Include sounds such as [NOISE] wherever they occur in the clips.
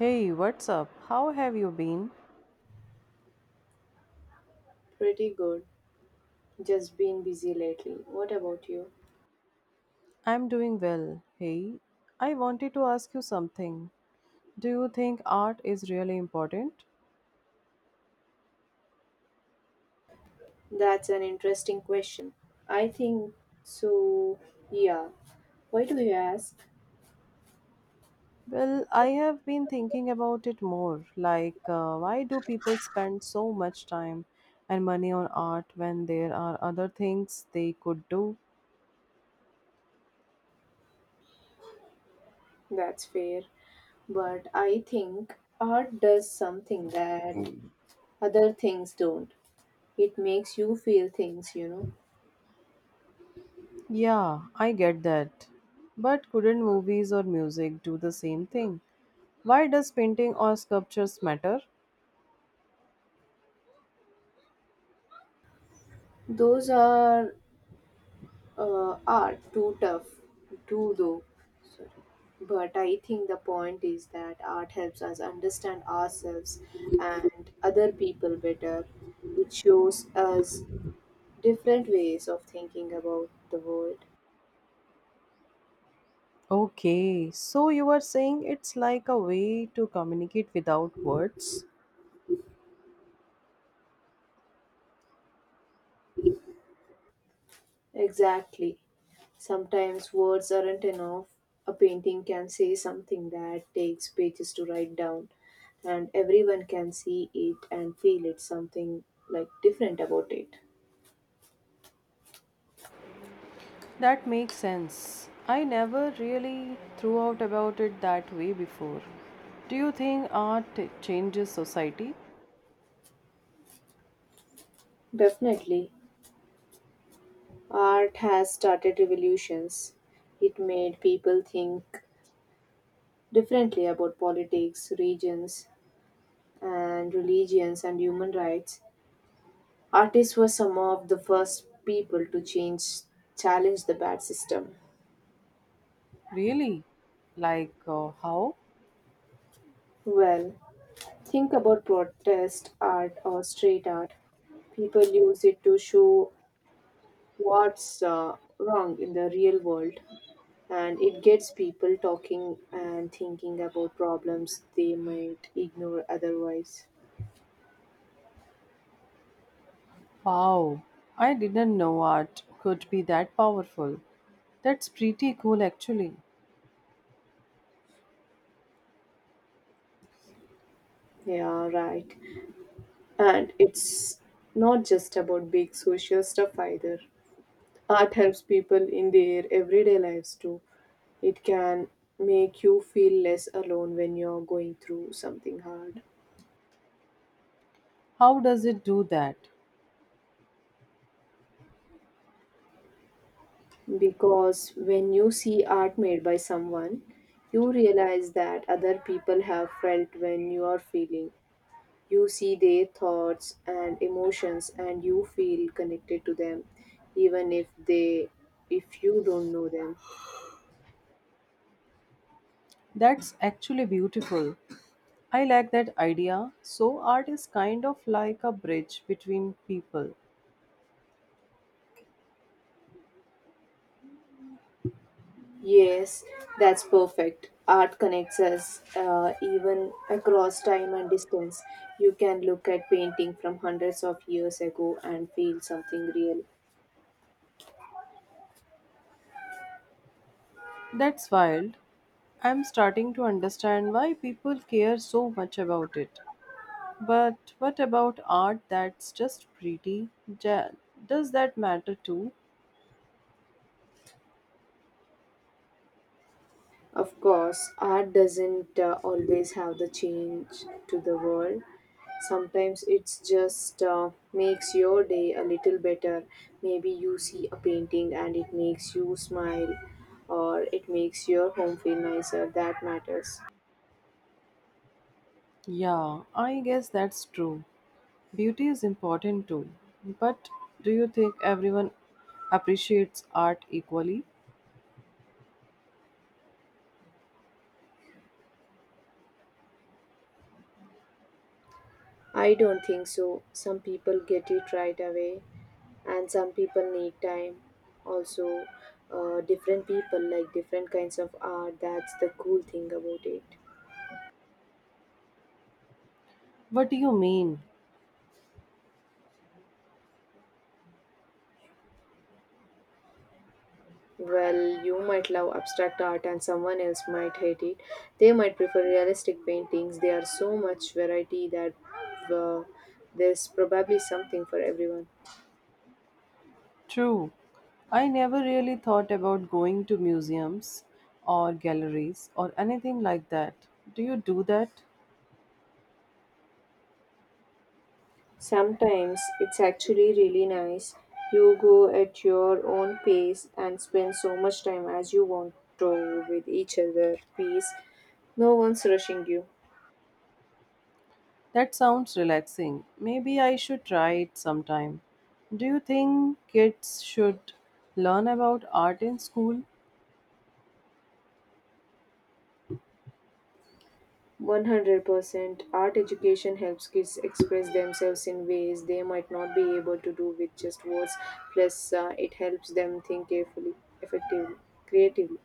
Hey, what's up? How have you been? Pretty good. Just been busy lately. What about you? I'm doing well. Hey, I wanted to ask you something. Do you think art is really important? That's an interesting question. I think so. Yeah. Why do you ask? Well, I have been thinking about it more. Why do people spend so much time and money on art when there are other things they could do? That's fair. But I think art does something that other things don't. It makes you feel things. Yeah, I get that. But couldn't movies or music do the same thing? Why does painting or sculptures matter? Those are too tough too though, sorry, but I think the point is that art helps us understand ourselves and other people better. It shows us different ways of thinking about the world. Okay, so you are saying it's like a way to communicate without words? Exactly, sometimes words aren't enough. A painting can say something that takes pages to write down, and everyone can see it and feel it, something like different about it. That makes sense. I never really threw out about it that way before. Do you think art changes society? Definitely. Art has started revolutions. It made people think differently about politics, regions, and religions and human rights. Artists were some of the first people to change, challenge the bad system. Really? How? Well, think about protest art or street art. People use it to show what's wrong in the real world, and it gets people talking and thinking about problems they might ignore otherwise. Wow, I didn't know art could be that powerful. That's pretty cool actually. Yeah, right. And it's not just about big social stuff either. Art helps people in their everyday lives too. It can make you feel less alone when you're going through something hard. How does it do that? Because when you see art made by someone, you realize that other people have felt when you are feeling. You see their thoughts and emotions and you feel connected to them, even if they, if you don't know them. That's actually beautiful. I like that idea. So, art is kind of like a bridge between people. Yes, that's perfect. Art connects us, even across time and distance. You can look at painting from hundreds of years ago and feel something real. That's wild. I'm starting to understand why people care so much about it. But what about art that's just pretty? Ja- Does that matter too? Of course, art doesn't always have the change to the world. Sometimes it's just, makes your day a little better. Maybe you see a painting and it makes you smile, or it makes your home feel nicer. That matters. Yeah, I guess that's true. Beauty is important too. But do you think everyone appreciates art equally? I don't think so. Some people get it right away, and some people need time. Also, different people like different kinds of art. That's the cool thing about it. What do you mean? Well, you might love abstract art and someone else might hate it. They might prefer realistic paintings. There are so much variety that, uh, there's probably something for everyone. True. I never really thought about going to museums or galleries or anything like that. Do you do that? Sometimes it's actually really nice. You go at your own pace and spend so much time as you want to with each other piece. No one's rushing you. That sounds relaxing. Maybe I should try it sometime. Do you think kids should learn about art in school? 100% art education helps kids express themselves in ways they might not be able to do with just words, plus it helps them think carefully, effectively, creatively.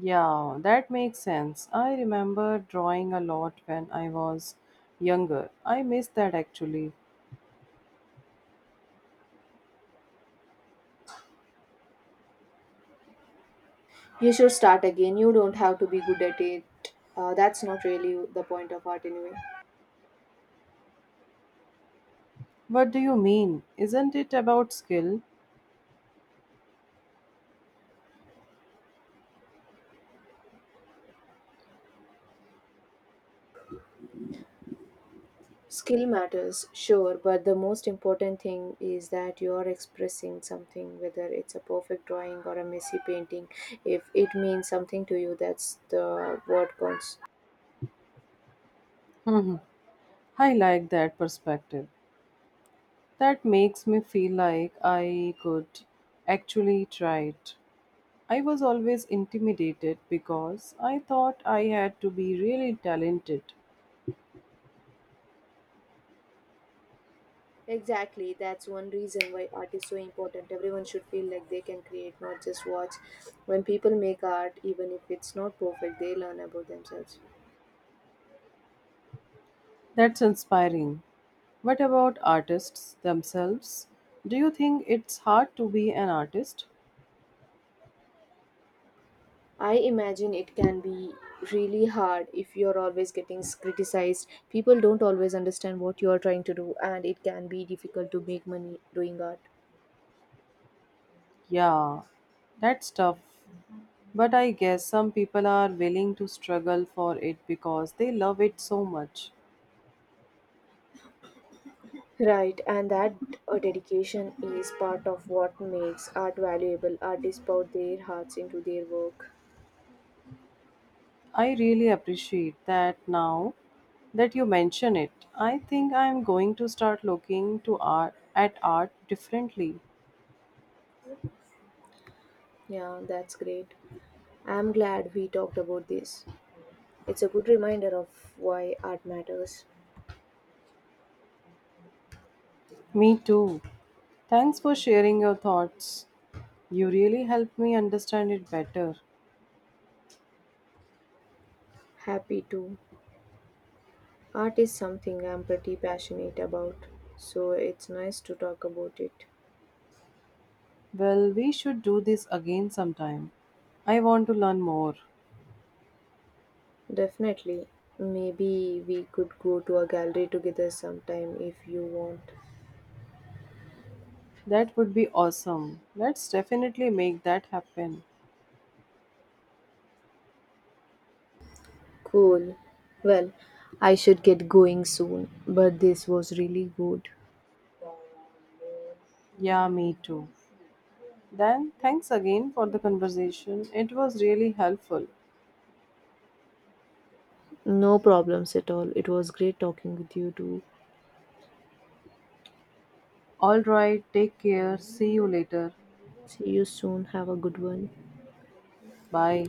Yeah, that makes sense. I remember drawing a lot when I was younger. I miss that actually. You should start again, you don't have to be good at it. That's not really the point of art anyway. What do you mean? Isn't it about skill? Skill matters, sure, but the most important thing is that you are expressing something, whether it's a perfect drawing or a messy painting. If it means something to you, that's the what counts. [LAUGHS] I like that perspective. That makes me feel like I could actually try it. I was always intimidated because I thought I had to be really talented. Exactly, that's one reason why art is so important. Everyone should feel like they can create, not just watch. When people make art, even if it's not perfect, they learn about themselves. That's inspiring. What about artists themselves? Do you think it's hard to be an artist? I imagine it can be really hard if you're always getting criticized. People don't always understand what you're trying to do, and it can be difficult to make money doing art. Yeah, that's tough. But I guess some people are willing to struggle for it because they love it so much. Right, and that, dedication is part of what makes art valuable. Artists pour their hearts into their work. I really appreciate that now that you mention it. I think I am going to start looking to art at art differently. Yeah, that's great. I'm glad we talked about this. It's a good reminder of why art matters. Me too. Thanks for sharing your thoughts. You really helped me understand it better. Happy too. Art is something I'm pretty passionate about, so it's nice to talk about it. Well, we should do this again sometime. I want to learn more. Definitely. Maybe we could go to a gallery together sometime if you want. That would be awesome. Let's definitely make that happen. Cool. Well, I should get going soon, but this was really good. Yeah, me too. Then, thanks again for the conversation. It was really helpful. No problems at all. It was great talking with you too. All right, take care. See you later. See you soon. Have a good one. Bye.